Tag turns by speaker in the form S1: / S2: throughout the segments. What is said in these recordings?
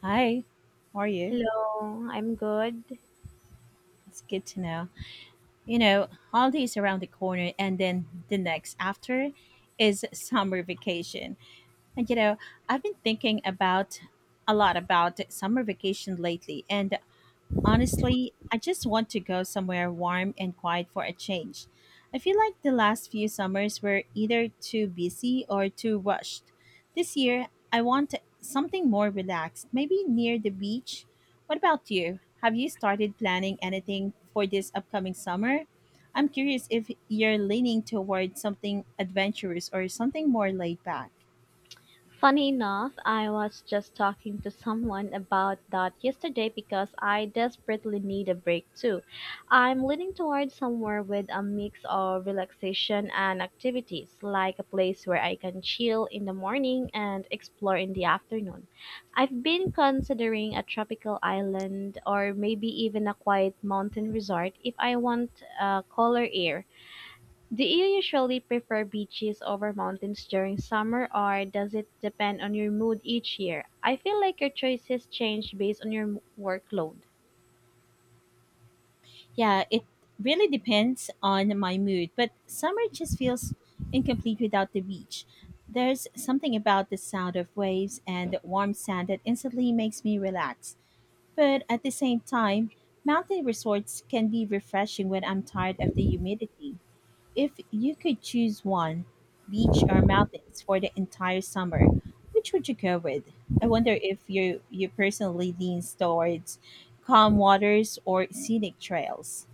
S1: Hi, how are you?
S2: Hello, I'm good.
S1: It's good to know. You know, holidays around the corner, and then the next after is summer vacation. And you know, I've been thinking about a lot about summer vacation lately, and honestly, I just want to go somewhere warm and quiet for a change. I feel like the last few summers were either too busy or too rushed. This year, I want something more relaxed, maybe near the beach. What about you? Have you started planning anything for this upcoming summer? I'm curious if you're leaning toward something adventurous or something more laid back.
S2: Funny enough, I was just talking to someone about that yesterday because I desperately need a break too. I'm leaning towards somewhere with a mix of relaxation and activities, like a place where I can chill in the morning and explore in the afternoon. I've been considering a tropical island or maybe even a quiet mountain resort if I want color air. Do you usually prefer beaches over mountains during summer, or does it depend on your mood each year? I feel like your choices change based on your workload.
S1: Yeah, it really depends on my mood, but summer just feels incomplete without the beach. There's something about the sound of waves and the warm sand that instantly makes me relax. But at the same time, mountain resorts can be refreshing when I'm tired of the humidity. If you could choose one, beach or mountains for the entire summer, which would you go with? I wonder if you personally leans towards calm waters or scenic trails.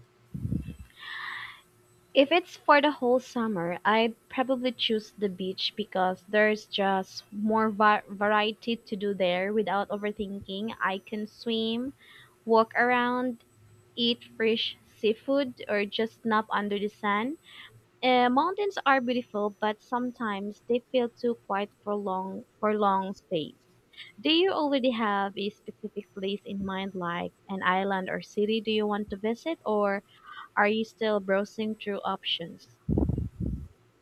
S2: If it's for the whole summer, I'd probably choose the beach because there's just more variety to do there without overthinking. I can swim, walk around, eat fresh seafood, or just nap under the sun. Mountains are beautiful, but sometimes they feel too quiet for long space. Do you already have a specific place in mind, like an island or city do you want to visit, or are you still browsing through options?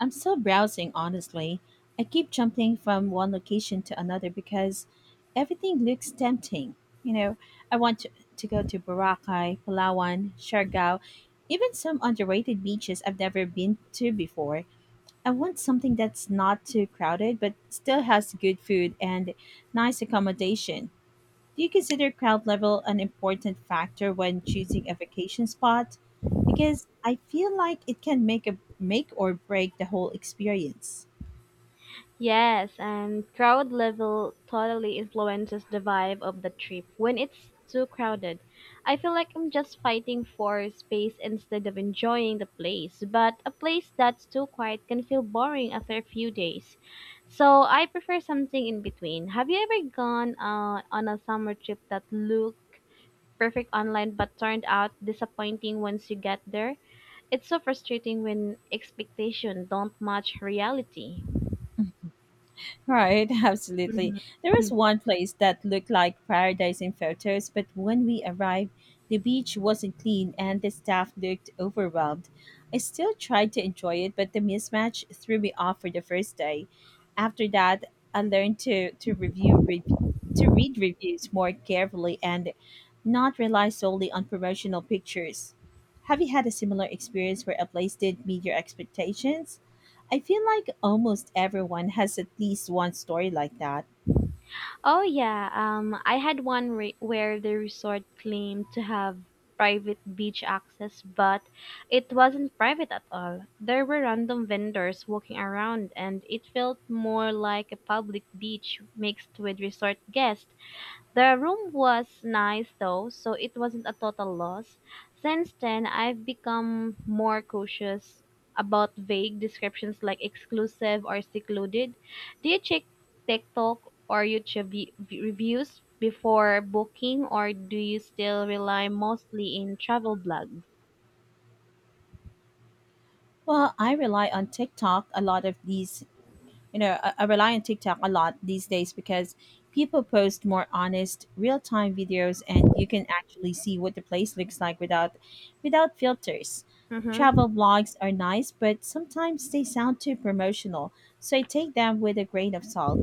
S1: I'm still browsing, honestly. I keep jumping from one location to another because everything looks tempting. You know, I want to, to go to Boracay, Palawan, Siargao, even some underrated beaches I've never been to before. I want something that's not too crowded but still has good food and nice accommodation. Do you consider crowd level an important factor when choosing a vacation spot? Because I feel like it can make or break the whole experience.
S2: Yes, and crowd level totally influences the vibe of the trip. When it's too crowded, I feel like I'm just fighting for space instead of enjoying the place. But a place that's too quiet can feel boring after a few days. So I prefer something in between. Have you ever gone on a summer trip that looked perfect online but turned out disappointing once you get there? It's so frustrating when expectations don't match reality.
S1: Right, absolutely. There was
S2: Mhm.
S1: one place that looked like paradise in photos, but when we arrived, the beach wasn't clean and the staff looked overwhelmed. I still tried to enjoy it, but the mismatch threw me off for the first day. After that, I learned to read reviews more carefully and not rely solely on promotional pictures. Have you had a similar experience where a place didn't meet your expectations? I feel like almost everyone has at least one story like that.
S2: Oh yeah, I had one where the resort claimed to have private beach access, but it wasn't private at all. There were random vendors walking around, and it felt more like a public beach mixed with resort guests. The room was nice though, so it wasn't a total loss. Since then, I've become more cautious about vague descriptions like exclusive or secluded. Do you check TikTok or YouTube reviews before booking, or do you still rely mostly in travel blogs?
S1: Well, I rely on TikTok a lot of these you know I rely on tiktok a lot these days because people post more honest real-time videos and you can actually see what the place looks like without without filters.
S2: Hmm.
S1: Travel vlogs are nice, but sometimes they sound too promotional, so I take them with a grain of salt.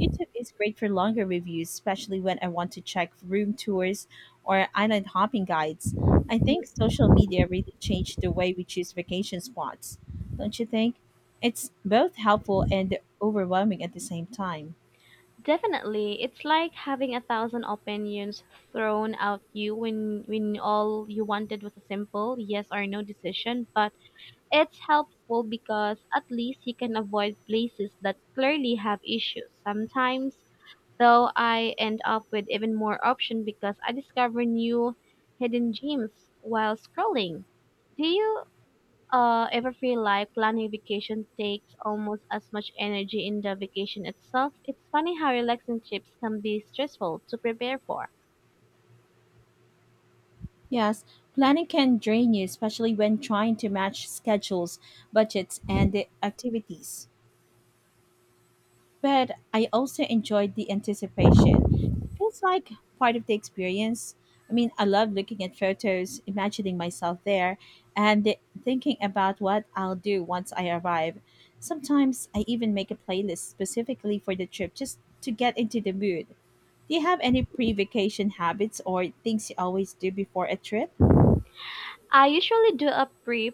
S1: Youtube is great for longer reviews, especially when I want to check room tours or island hopping guides. I think social media really changed the way we choose vacation spots, don't you think? It's both helpful and overwhelming at the same time.
S2: Definitely. It's like having a thousand opinions thrown at you when all you wanted was a simple yes or no decision, but it's helpful because at least you can avoid places that clearly have issues. Sometimes, though, I end up with even more options because I discover new hidden gems while scrolling. Do you ever feel like planning vacation takes almost as much energy in the vacation itself? It's funny how relaxing trips can be stressful to prepare for.
S1: Yes, planning can drain you, especially when trying to match schedules, budgets, and the activities. But I also enjoyed the anticipation. It feels like part of the experience. I mean, I love looking at photos, imagining myself there, and thinking about what I'll do once I arrive. Sometimes I even make a playlist specifically for the trip just to get into the mood. Do you have any pre-vacation habits or things you always do before a trip?
S2: I usually do a brief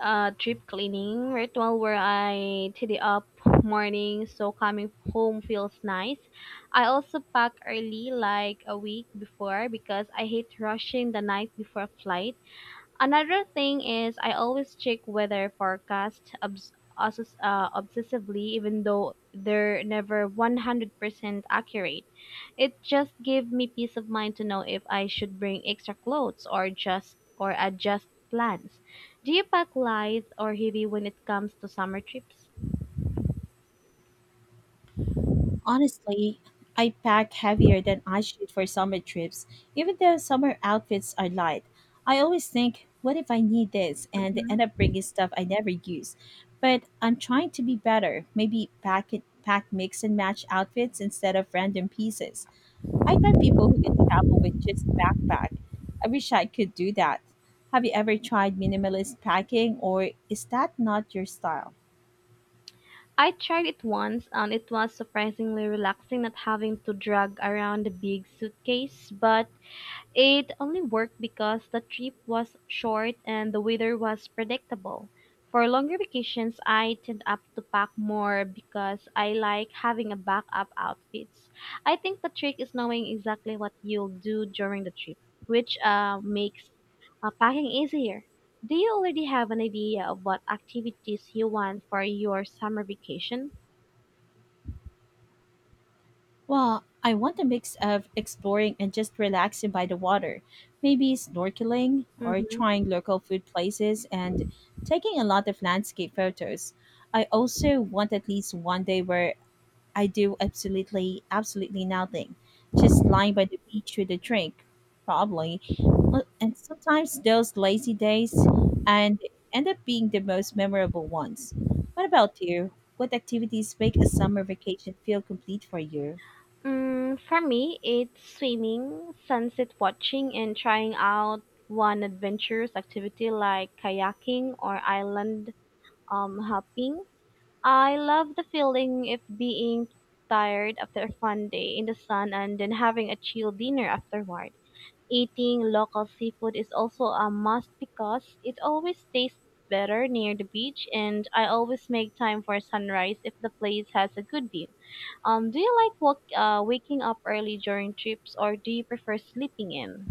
S2: deep cleaning ritual where I tidy up morning so coming home feels nice. I also pack early, like a week before, because I hate rushing the night before flight. Another thing is I always check weather forecast obsessively, even though they're never 100% accurate. It just gives me peace of mind to know if I should bring extra clothes or just or adjust plans. Do you pack light or heavy when it comes to summer trips?
S1: Honestly, I pack heavier than I should for summer trips. Even though summer outfits are light, I always think, what if I need this and end
S2: Mhm.
S1: up bringing stuff I never use? But I'm trying to be better. Maybe pack mix and match outfits instead of random pieces. I'd buy people who can travel with just backpack. I wish I could do that. Have you ever tried minimalist packing, or is that not your style?
S2: I tried it once and it was surprisingly relaxing not having to drag around a big suitcase, but it only worked because the trip was short and the weather was predictable. For longer vacations, I tend up to pack more because I like having a backup outfits. I think the trick is knowing exactly what you'll do during the trip, which makes packing easier. Do you already have an idea of what activities you want for your summer vacation?
S1: Well, I want a mix of exploring and just relaxing by the water. Maybe snorkeling or
S2: Mm-hmm.
S1: trying local food places and taking a lot of landscape photos. I also want at least one day where I do absolutely nothing. Just lying by the beach with a drink, probably. Well, and sometimes those lazy days and end up being the most memorable ones. What about you? What activities make a summer vacation feel complete for you?
S2: Mm, for me, it's swimming, sunset watching, and trying out one adventurous activity like kayaking or island hopping. I love the feeling of being tired after a fun day in the sun and then having a chill dinner afterward. Eating local seafood is also a must because it always tastes better near the beach, and I always make time for sunrise if the place has a good view. Do you like waking up early during trips or do you prefer sleeping in?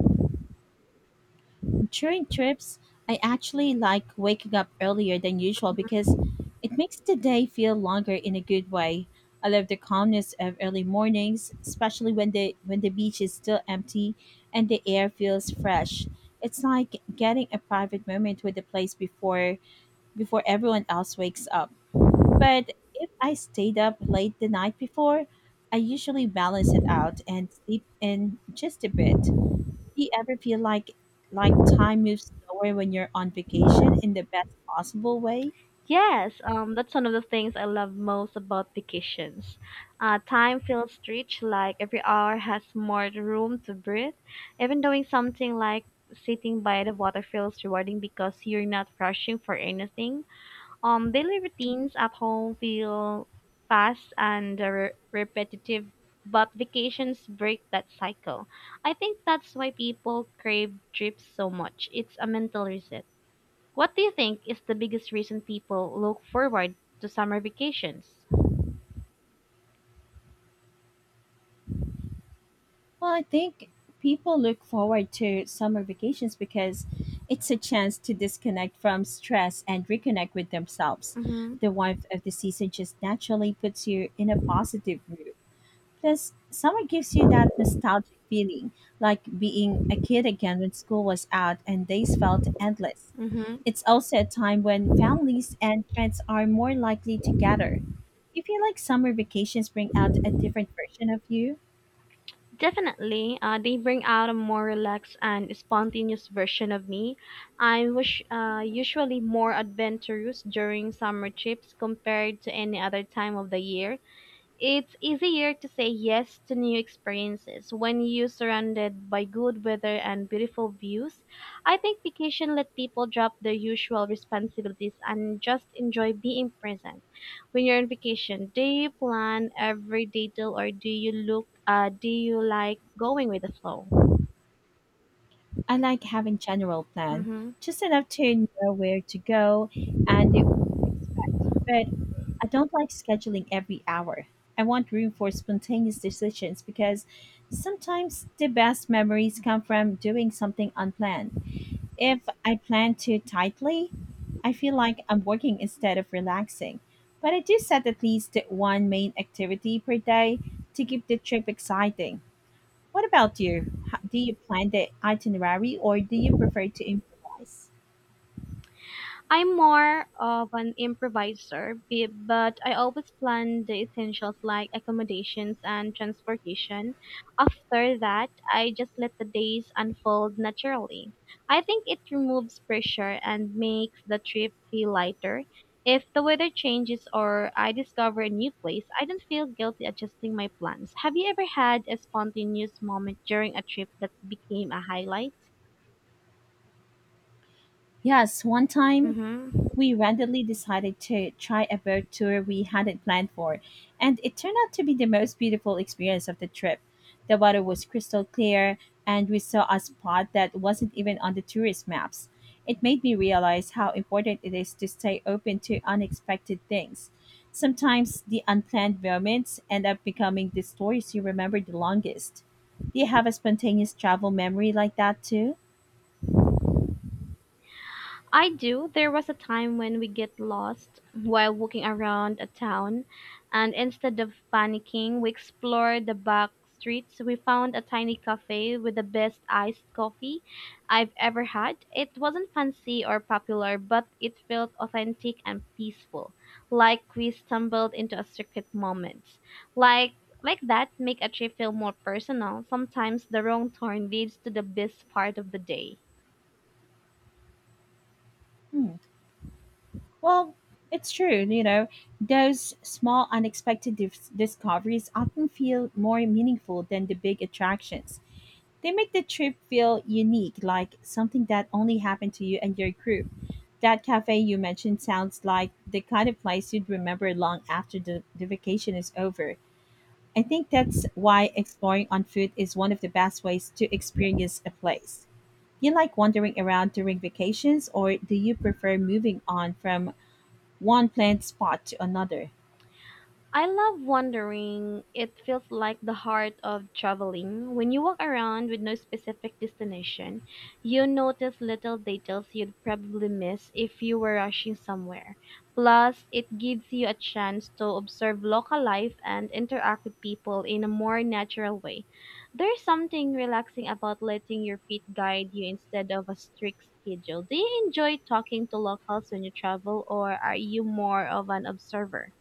S1: During trips, I actually like waking up earlier than usual because it makes the day feel longer in a good way. I love the calmness of early mornings, especially when the beach is still empty and the air feels fresh. It's like getting a private moment with the place before everyone else wakes up. But if I stayed up late the night before, I usually balance it out and sleep in just a bit. Do you ever feel like time moves slower when you're on vacation in the best possible way?
S2: Yes, that's one of the things I love most about vacations. Time feels rich, like every hour has more room to breathe. Even doing something like sitting by the water feels rewarding because you're not rushing for anything. Daily routines at home feel fast and repetitive, but vacations break that cycle. I think that's why people crave trips so much. It's a mental reset. What do you think is the biggest reason people look forward to summer vacations?
S1: Well, I think people look forward to summer vacations because it's a chance to disconnect from stress and reconnect with themselves.
S2: Mm-hmm.
S1: The warmth of the season just naturally puts you in a positive mood. Plus, summer gives you that nostalgic feeling, like being a kid again when school was out and days felt endless.
S2: Mm-hmm.
S1: It's also a time when families and friends are more likely to gather. You feel like summer vacations bring out a different version of you.
S2: Definitely, they bring out a more relaxed and spontaneous version of me. I'm wish, usually more adventurous during summer trips compared to any other time of the year. It's easier to say yes to new experiences when you're surrounded by good weather and beautiful views. I think vacation let people drop their usual responsibilities and just enjoy being present. When you're on vacation, do you plan every detail or do you look do you like going with the flow?
S1: I like having general plan,
S2: Mhm.
S1: just enough to know where to go and the But I don't like scheduling every hour. I want room for spontaneous decisions because sometimes the best memories come from doing something unplanned. If I plan too tightly, I feel like I'm working instead of relaxing. But I do set at least one main activity per day to keep the trip exciting. What about you? Do you plan the itinerary or do you prefer to improvise?
S2: I'm more of an improviser, but I always plan the essentials like accommodations and transportation. After that, I just let the days unfold naturally. I think it removes pressure and makes the trip feel lighter. If the weather changes or I discover a new place, I don't feel guilty adjusting my plans. Have you ever had a spontaneous moment during a trip that became a highlight?
S1: Yes, one time
S2: Mm-hmm.
S1: we randomly decided to try a boat tour we hadn't planned for, and it turned out to be the most beautiful experience of the trip. The water was crystal clear, and we saw a spot that wasn't even on the tourist maps. It made me realize how important it is to stay open to unexpected things. Sometimes the unplanned moments end up becoming the stories you remember the longest. Do you have a spontaneous travel memory like that too?
S2: I do. There was a time when we get lost while walking around a town, and instead of panicking, we explored the back streets. We found a tiny cafe with the best iced coffee I've ever had. It wasn't fancy or popular, but it felt authentic and peaceful, like we stumbled into a secret moment. Like like that make a trip feel more personal. Sometimes the wrong turn leads to the best part of the day.
S1: Hmm. Well, it's true. You know, those small, unexpected discoveries often feel more meaningful than the big attractions. They make the trip feel unique, like something that only happened to you and your group. That cafe you mentioned sounds like the kind of place you'd remember long after the vacation is over. I think that's why exploring on foot is one of the best ways to experience a place. You like wandering around during vacations, or do you prefer moving on from one plant spot to another?
S2: I love wandering. It feels like the heart of traveling. When you walk around with no specific destination, you notice little details you'd probably miss if you were rushing somewhere. Plus, it gives you a chance to observe local life and interact with people in a more natural way. There's something relaxing about letting your feet guide you instead of a strict schedule. Do you enjoy talking to locals when you travel, or are you more of an observer?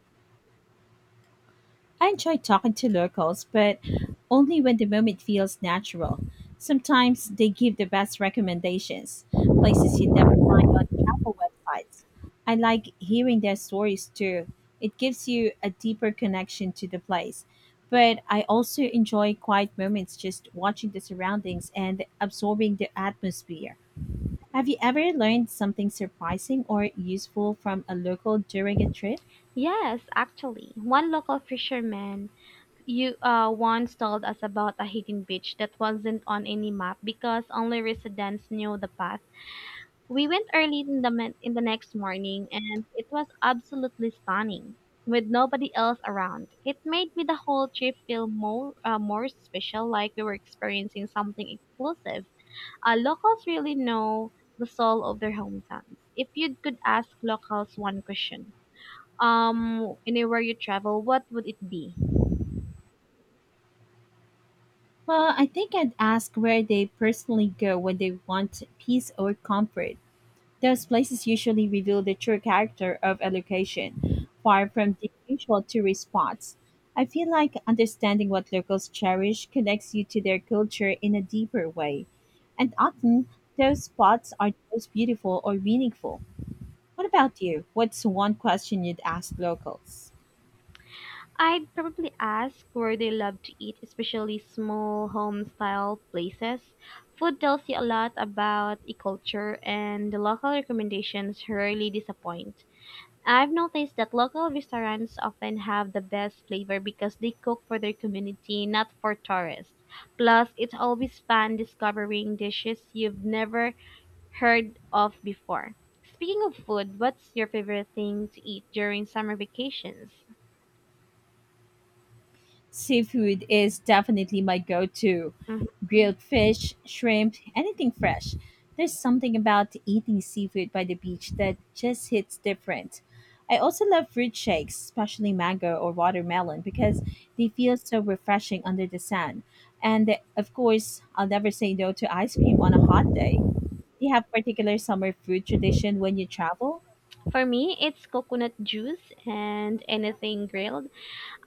S1: I enjoy talking to locals, but only when the moment feels natural. Sometimes they give the best recommendations, places you'd never find on travel websites. I like hearing their stories too. It gives you a deeper connection to the place. But I also enjoy quiet moments just watching the surroundings and absorbing the atmosphere. Have you ever learned something surprising or useful from a local during a trip?
S2: Yes, actually, one local fisherman you once told us about a hidden beach that wasn't on any map because only residents knew the path. We went early in the next morning, and it was absolutely stunning, with nobody else around. It made me the whole trip feel more special, like we were experiencing something exclusive. Locals really know the soul of their hometowns. If you could ask locals one question anywhere you travel, what would it be?
S1: Well, I think I'd ask where they personally go when they want peace or comfort. Those places usually reveal the true character of a location, far from the usual tourist spots. I feel like understanding what locals cherish connects you to their culture in a deeper way. And often, those spots are the most beautiful or meaningful. What about you? What's one question you'd ask locals?
S2: I'd probably ask where they love to eat, especially small home style places. Food tells you a lot about a culture, and the local recommendations rarely disappoint. I've noticed that local restaurants often have the best flavor because they cook for their community, not for tourists. Plus, it's always fun discovering dishes you've never heard of before. Speaking of food, what's your favorite thing to eat during summer vacations?
S1: Seafood is definitely my go to.
S2: Mhm.
S1: Grilled fish, shrimp, anything fresh. There's something about eating seafood by the beach that just hits different. I also love fruit shakes, especially mango or watermelon, because they feel so refreshing under the sun. And of course, I'll never say no to ice cream on a hot day. Do you have particular summer food tradition when you travel?
S2: For me, it's coconut juice and anything grilled.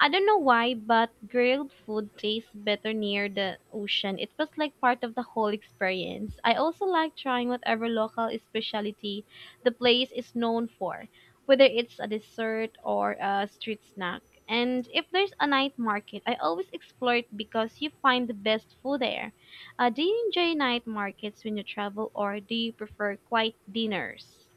S2: I don't know why, but grilled food tastes better near the ocean. It was like part of the whole experience. I also like trying whatever local specialty the place is known for, whether it's a dessert or a street snack. And if there's a night market, I always explore it because you find the best food there. Do you enjoy night markets when you travel, or do you prefer quiet dinners?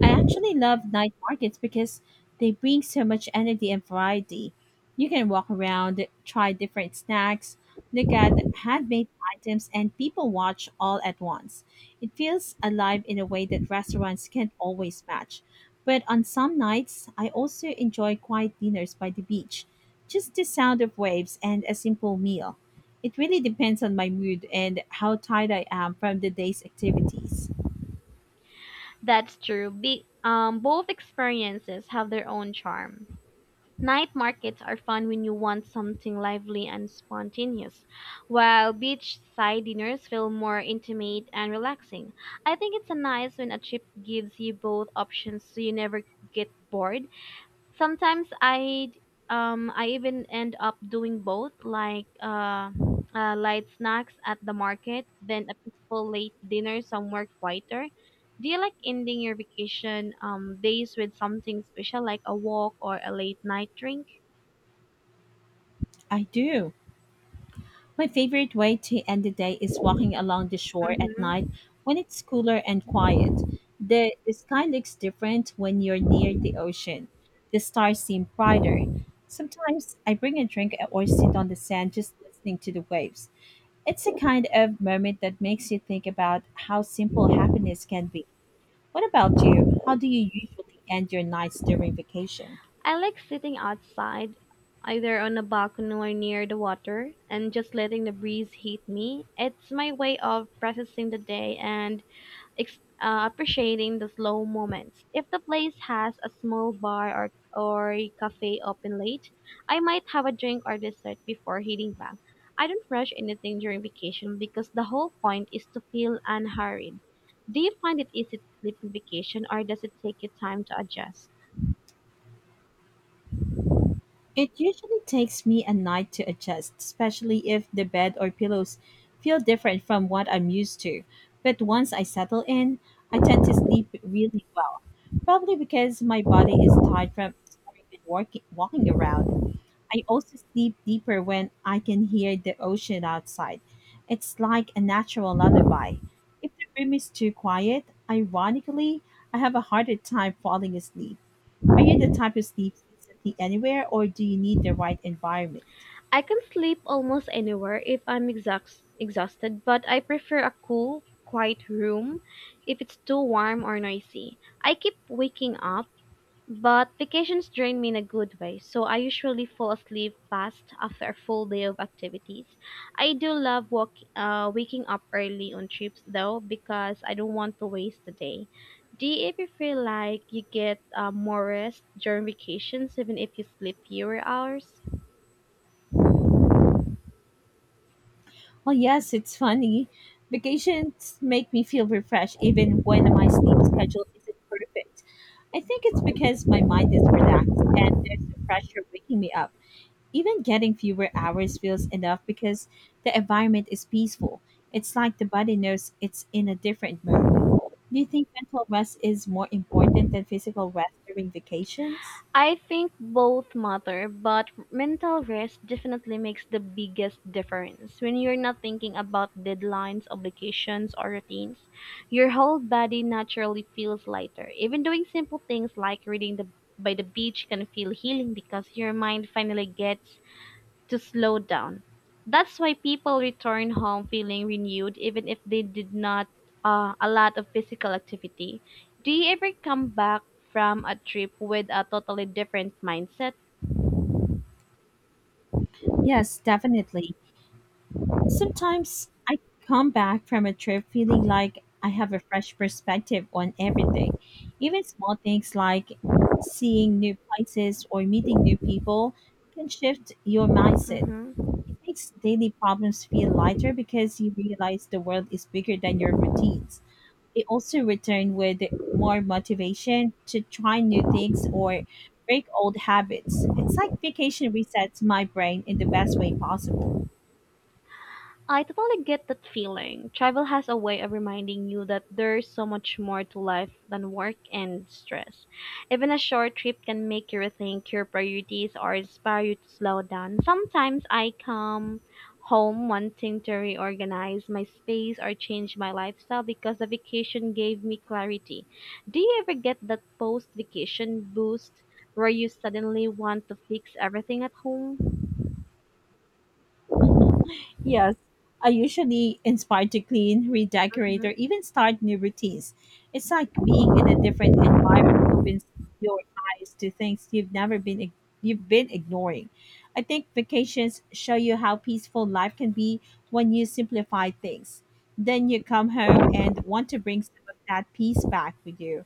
S1: I actually love night markets because they bring so much energy and variety. You can walk around, try different snacks, look at handmade items, and people watch all at once. It feels alive in a way that restaurants can't always match. But on some nights, I also enjoy quiet dinners by the beach, just the sound of waves and a simple meal. It really depends on my mood and how tired I am from the day's activities.
S2: That's true. Both experiences have their own charm. Night markets are fun when you want something lively and spontaneous, while beachside dinners feel more intimate and relaxing. I think it's a nice when a trip gives you both options so you never get bored. Sometimes I even end up doing both, like light snacks at the market, then a peaceful late dinner somewhere quieter. Do you like ending your vacation days with something special like a walk or a late night drink?
S1: I do. My favorite way to end the day is walking along the shore at night
S2: Hmm.
S1: when it's cooler and quiet. The sky looks different when you're near the ocean. The stars seem brighter. Sometimes I bring a drink or sit on the sand just listening to the waves. It's a kind of moment that makes you think about how simple happiness can be. What about you? How do you usually end your nights during vacation?
S2: I like sitting outside, either on a balcony or near the water, and just letting the breeze hit me. It's my way of processing the day and appreciating the slow moments. If the place has a small bar or a cafe open late, I might have a drink or dessert before heading back. I don't rush anything during vacation because the whole point is to feel unhurried. Do you find it easy to sleep in vacation or does it take you time to adjust?
S1: It usually takes me a night to adjust, especially if the bed or pillows feel different from what I'm used to. But once I settle in, I tend to sleep really well. Probably because my body is tired from snoring and walking around. I also sleep deeper when I can hear the ocean outside. It's like a natural lullaby. If the room is too quiet, ironically, I have a harder time falling asleep. Are you the type who sleeps instantly anywhere, or do you need the right environment?
S2: I can sleep almost anywhere if I'm exhausted, but I prefer a cool, quiet room if it's too warm or noisy. I keep waking up, but vacations drain me in a good way, so I usually fall asleep fast after a full day of activities. I do love waking up early on trips though because I don't want to waste the day. Do you ever feel like you get more rest during vacations even if you sleep fewer hours?
S1: Well, yes, it's funny. Vacations make me feel refreshed even when my sleep schedule isn't perfect. I think it's because my mind is relaxed and there's no pressure waking me up. Even getting fewer hours feels enough because the environment is peaceful. It's like the body knows it's in a different mode. Do you think mental rest is more important than physical rest during vacations?
S2: I think both matter, but mental rest definitely makes the biggest difference. When you're not thinking about deadlines, obligations, or routines, your whole body naturally feels lighter. Even doing simple things like reading the by the beach can feel healing because your mind finally gets to slow down. That's why people return home feeling renewed even if they did not a lot of physical activity. Do you ever come back from a trip with a totally different mindset?
S1: Yes, definitely. Sometimes I come back from a trip feeling like I have a fresh perspective on everything, even small things like seeing new places or meeting new people can shift your mindset.
S2: Mm-hmm.
S1: It makes daily problems feel lighter because you realize the world is bigger than your routines. I also return with more motivation to try new things or break old habits. It's like vacation resets my brain in the best way possible.
S2: I totally get that feeling. Travel has a way of reminding you that there's so much more to life than work and stress. Even a short trip can make you rethink your priorities or inspire you to slow down. Sometimes I come home wanting to reorganize my space or change my lifestyle because the vacation gave me clarity. Do you ever get that post vacation boost where you suddenly want to fix everything at home?
S1: Mhm. Yes, I usually inspired to clean, redecorate, or even start new routines. It's like being in a different environment opens your eyes to things you've never been ig- you've been ignoring. I think vacations show you how peaceful life can be when you simplify things. Then you come home and want to bring some of that peace back with you.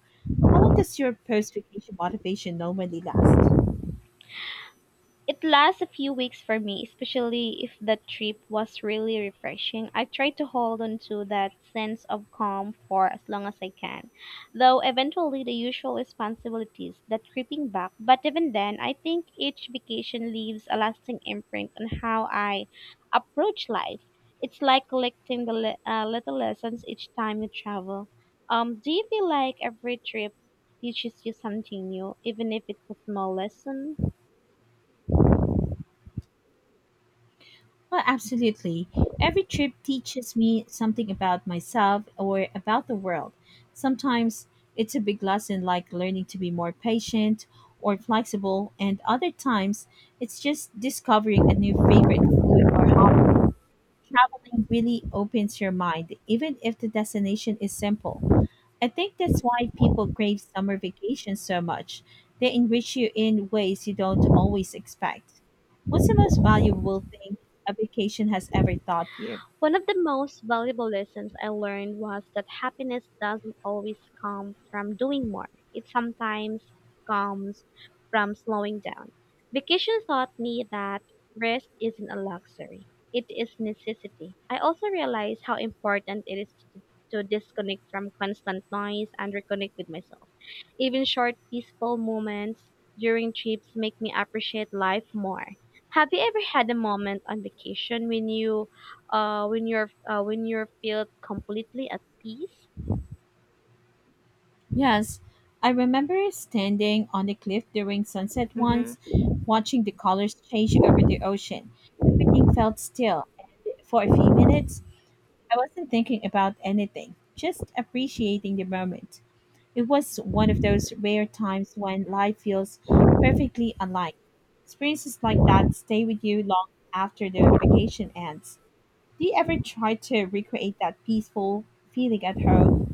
S1: How long does your post vacation motivation normally last?
S2: It lasts a few weeks for me, especially if the trip was really refreshing. I try to hold on to that sense of calm for as long as I can, though eventually the usual responsibilities that creeping back. But even then, I think each vacation leaves a lasting imprint on how I approach life. It's like collecting the little lessons each time you travel. Do you feel like every trip teaches you something new, even if it's a small lesson?
S1: Well, absolutely. Every trip teaches me something about myself or about the world. Sometimes it's a big lesson like learning to be more patient or flexible, and other times it's just discovering a new favorite food or hobby. Traveling really opens your mind, even if the destination is simple. I think that's why people crave summer vacations so much. They enrich you in ways you don't always expect. What's the most valuable thing a vacation has ever taught you?
S2: One of the most valuable lessons I learned was that happiness doesn't always come from doing more. It sometimes comes from slowing down. Vacation taught me that rest isn't a luxury. It is necessity. I also realized how important it is to disconnect from constant noise and reconnect with myself. Even short peaceful moments during trips make me appreciate life more. Have you ever had a moment on vacation when you when you're feel completely at peace?
S1: Yes, I remember standing on the cliff during sunset
S2: Mm-hmm.
S1: once, watching the colors change over the ocean. Everything felt still, and for a few minutes, I wasn't thinking about anything, just appreciating the moment. It was one of those rare times when life feels perfectly aligned. Experiences like that stay with you long after the vacation ends. Do you ever try to recreate that peaceful feeling at home?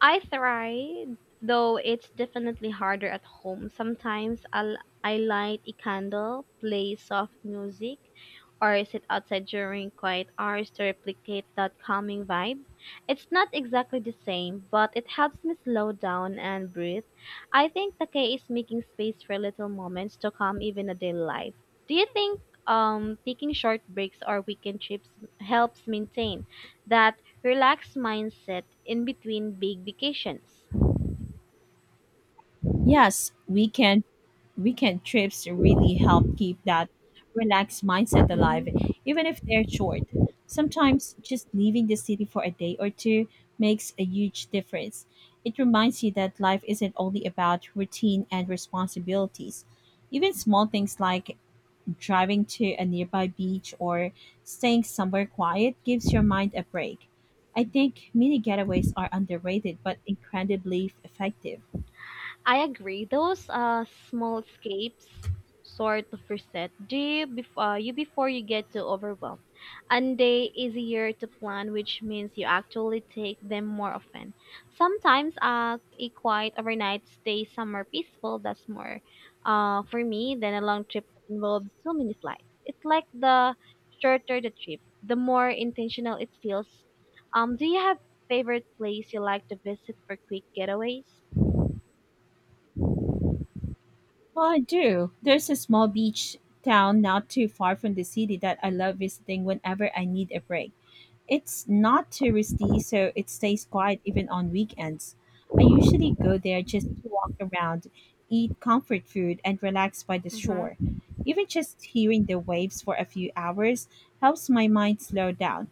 S2: I tried, though it's definitely harder at home. Sometimes I light a candle, play soft music, or sit outside during quiet hours to replicate that calming vibe. It's not exactly the same, but it helps me slow down and breathe. I think Takei is making space for little moments to calm even a daily life. Do you think taking short breaks or weekend trips helps maintain that relaxed mindset in between big vacations?
S1: Yes, we can weekend trips really help keep that relaxed mindset alive,
S2: Mhm.
S1: even if they're short. Sometimes just leaving the city for a day or two makes a huge difference. It reminds you that life isn't only about routine and responsibilities. Even small things like driving to a nearby beach or staying somewhere quiet gives your mind a break. I think mini getaways are underrated but incredibly effective.
S2: I agree. Those small escapes sort of reset you, before you get too overwhelmed, and they easier to plan, which means you actually take them more often. Sometimes a quiet overnight stay somewhere peaceful that's more for me than a long trip that involves so many flights. It's like the shorter the trip, the more intentional it feels. Do you have favorite place you like to visit for quick getaways?
S1: Well, I do. There's a small beach town not too far from the city that I love visiting whenever I need a break. It's not touristy, so it stays quiet even on weekends. I usually go there just to walk around, eat comfort food, and relax by the shore.
S2: Mm-hmm.
S1: Even just hearing the waves for a few hours helps my mind slow down.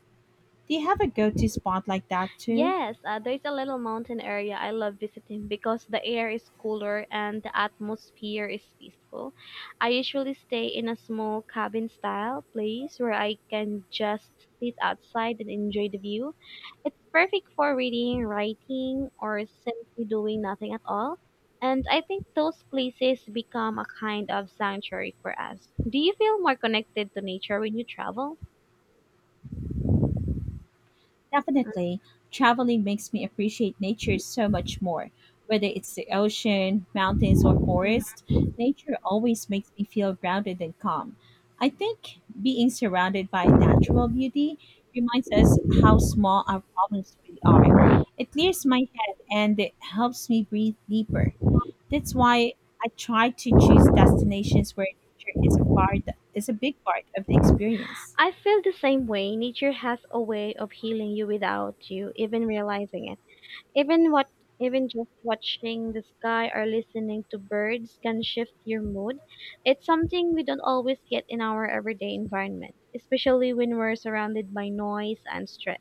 S1: Do you have a go to spot like that too?
S2: Yes, there's a little mountain area I love visiting because the air is cooler and the atmosphere is peaceful. I usually stay in a small cabin style place where I can just sit outside and enjoy the view. It's perfect for reading, writing, or simply doing nothing at all. And I think those places become a kind of sanctuary for us. Do you feel more connected to nature when you travel?
S1: Definitely, traveling makes me appreciate nature so much more. Whether it's the ocean, mountains, or forest, nature always makes me feel grounded and calm. I think being surrounded by natural beauty reminds us how small our problems really are. It clears my head and it helps me breathe deeper. That's why I try to choose destinations where nature is a part is a big part of the experience.
S2: I feel the same way. Nature has a way of healing you without you even realizing it. Even what even just watching the sky or listening to birds can shift your mood. It's something we don't always get in our everyday environment, especially when we're surrounded by noise and stress.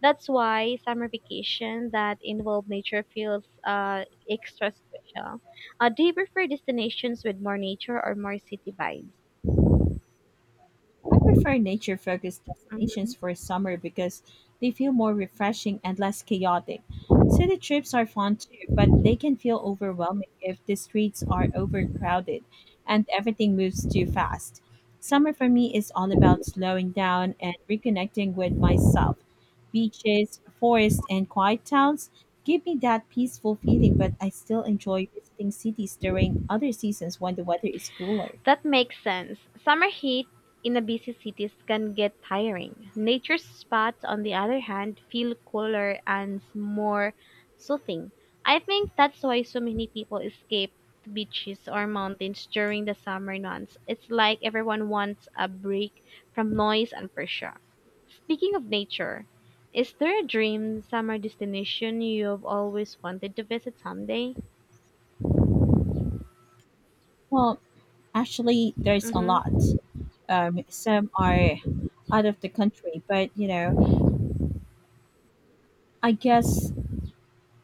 S2: That's why summer vacation that involve nature feels extra special. Do you prefer destinations with more nature or more city vibes?
S1: I prefer nature focused destinations
S2: Mhm.
S1: for summer because they feel more refreshing and less chaotic. City trips are fun too, but they can feel overwhelming if the streets are overcrowded and everything moves too fast. Summer for me is all about slowing down and reconnecting with myself. Beaches, forests, and quiet towns give me that peaceful feeling, but I still enjoy visiting cities during other seasons when the weather is cooler.
S2: That makes sense. Summer heat in a busy cities can get tiring. Nature spots, on the other hand, feel cooler and more soothing. I think that's why so many people escape to beaches or mountains during the summer months. It's like everyone wants a break from noise and pressure. Speaking of nature, is there a dream summer destination you've always wanted to visit someday?
S1: Well, actually, there's a
S2: Mm-hmm.
S1: lot. Some are out of the country, but I guess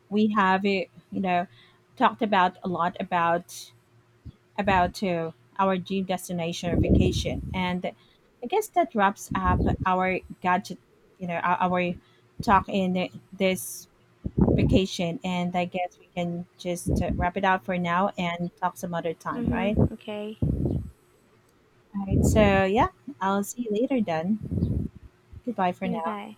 S1: we have you know talked about a lot about our dream destination or vacation, and I guess that wraps up our gadget, our talk in this vacation. And I guess we can just wrap it up for now and talk some other time, right?
S2: Mm-hmm. Okay.
S1: All right. So yeah, I'll see you later then. Goodbye for now.
S2: Goodbye.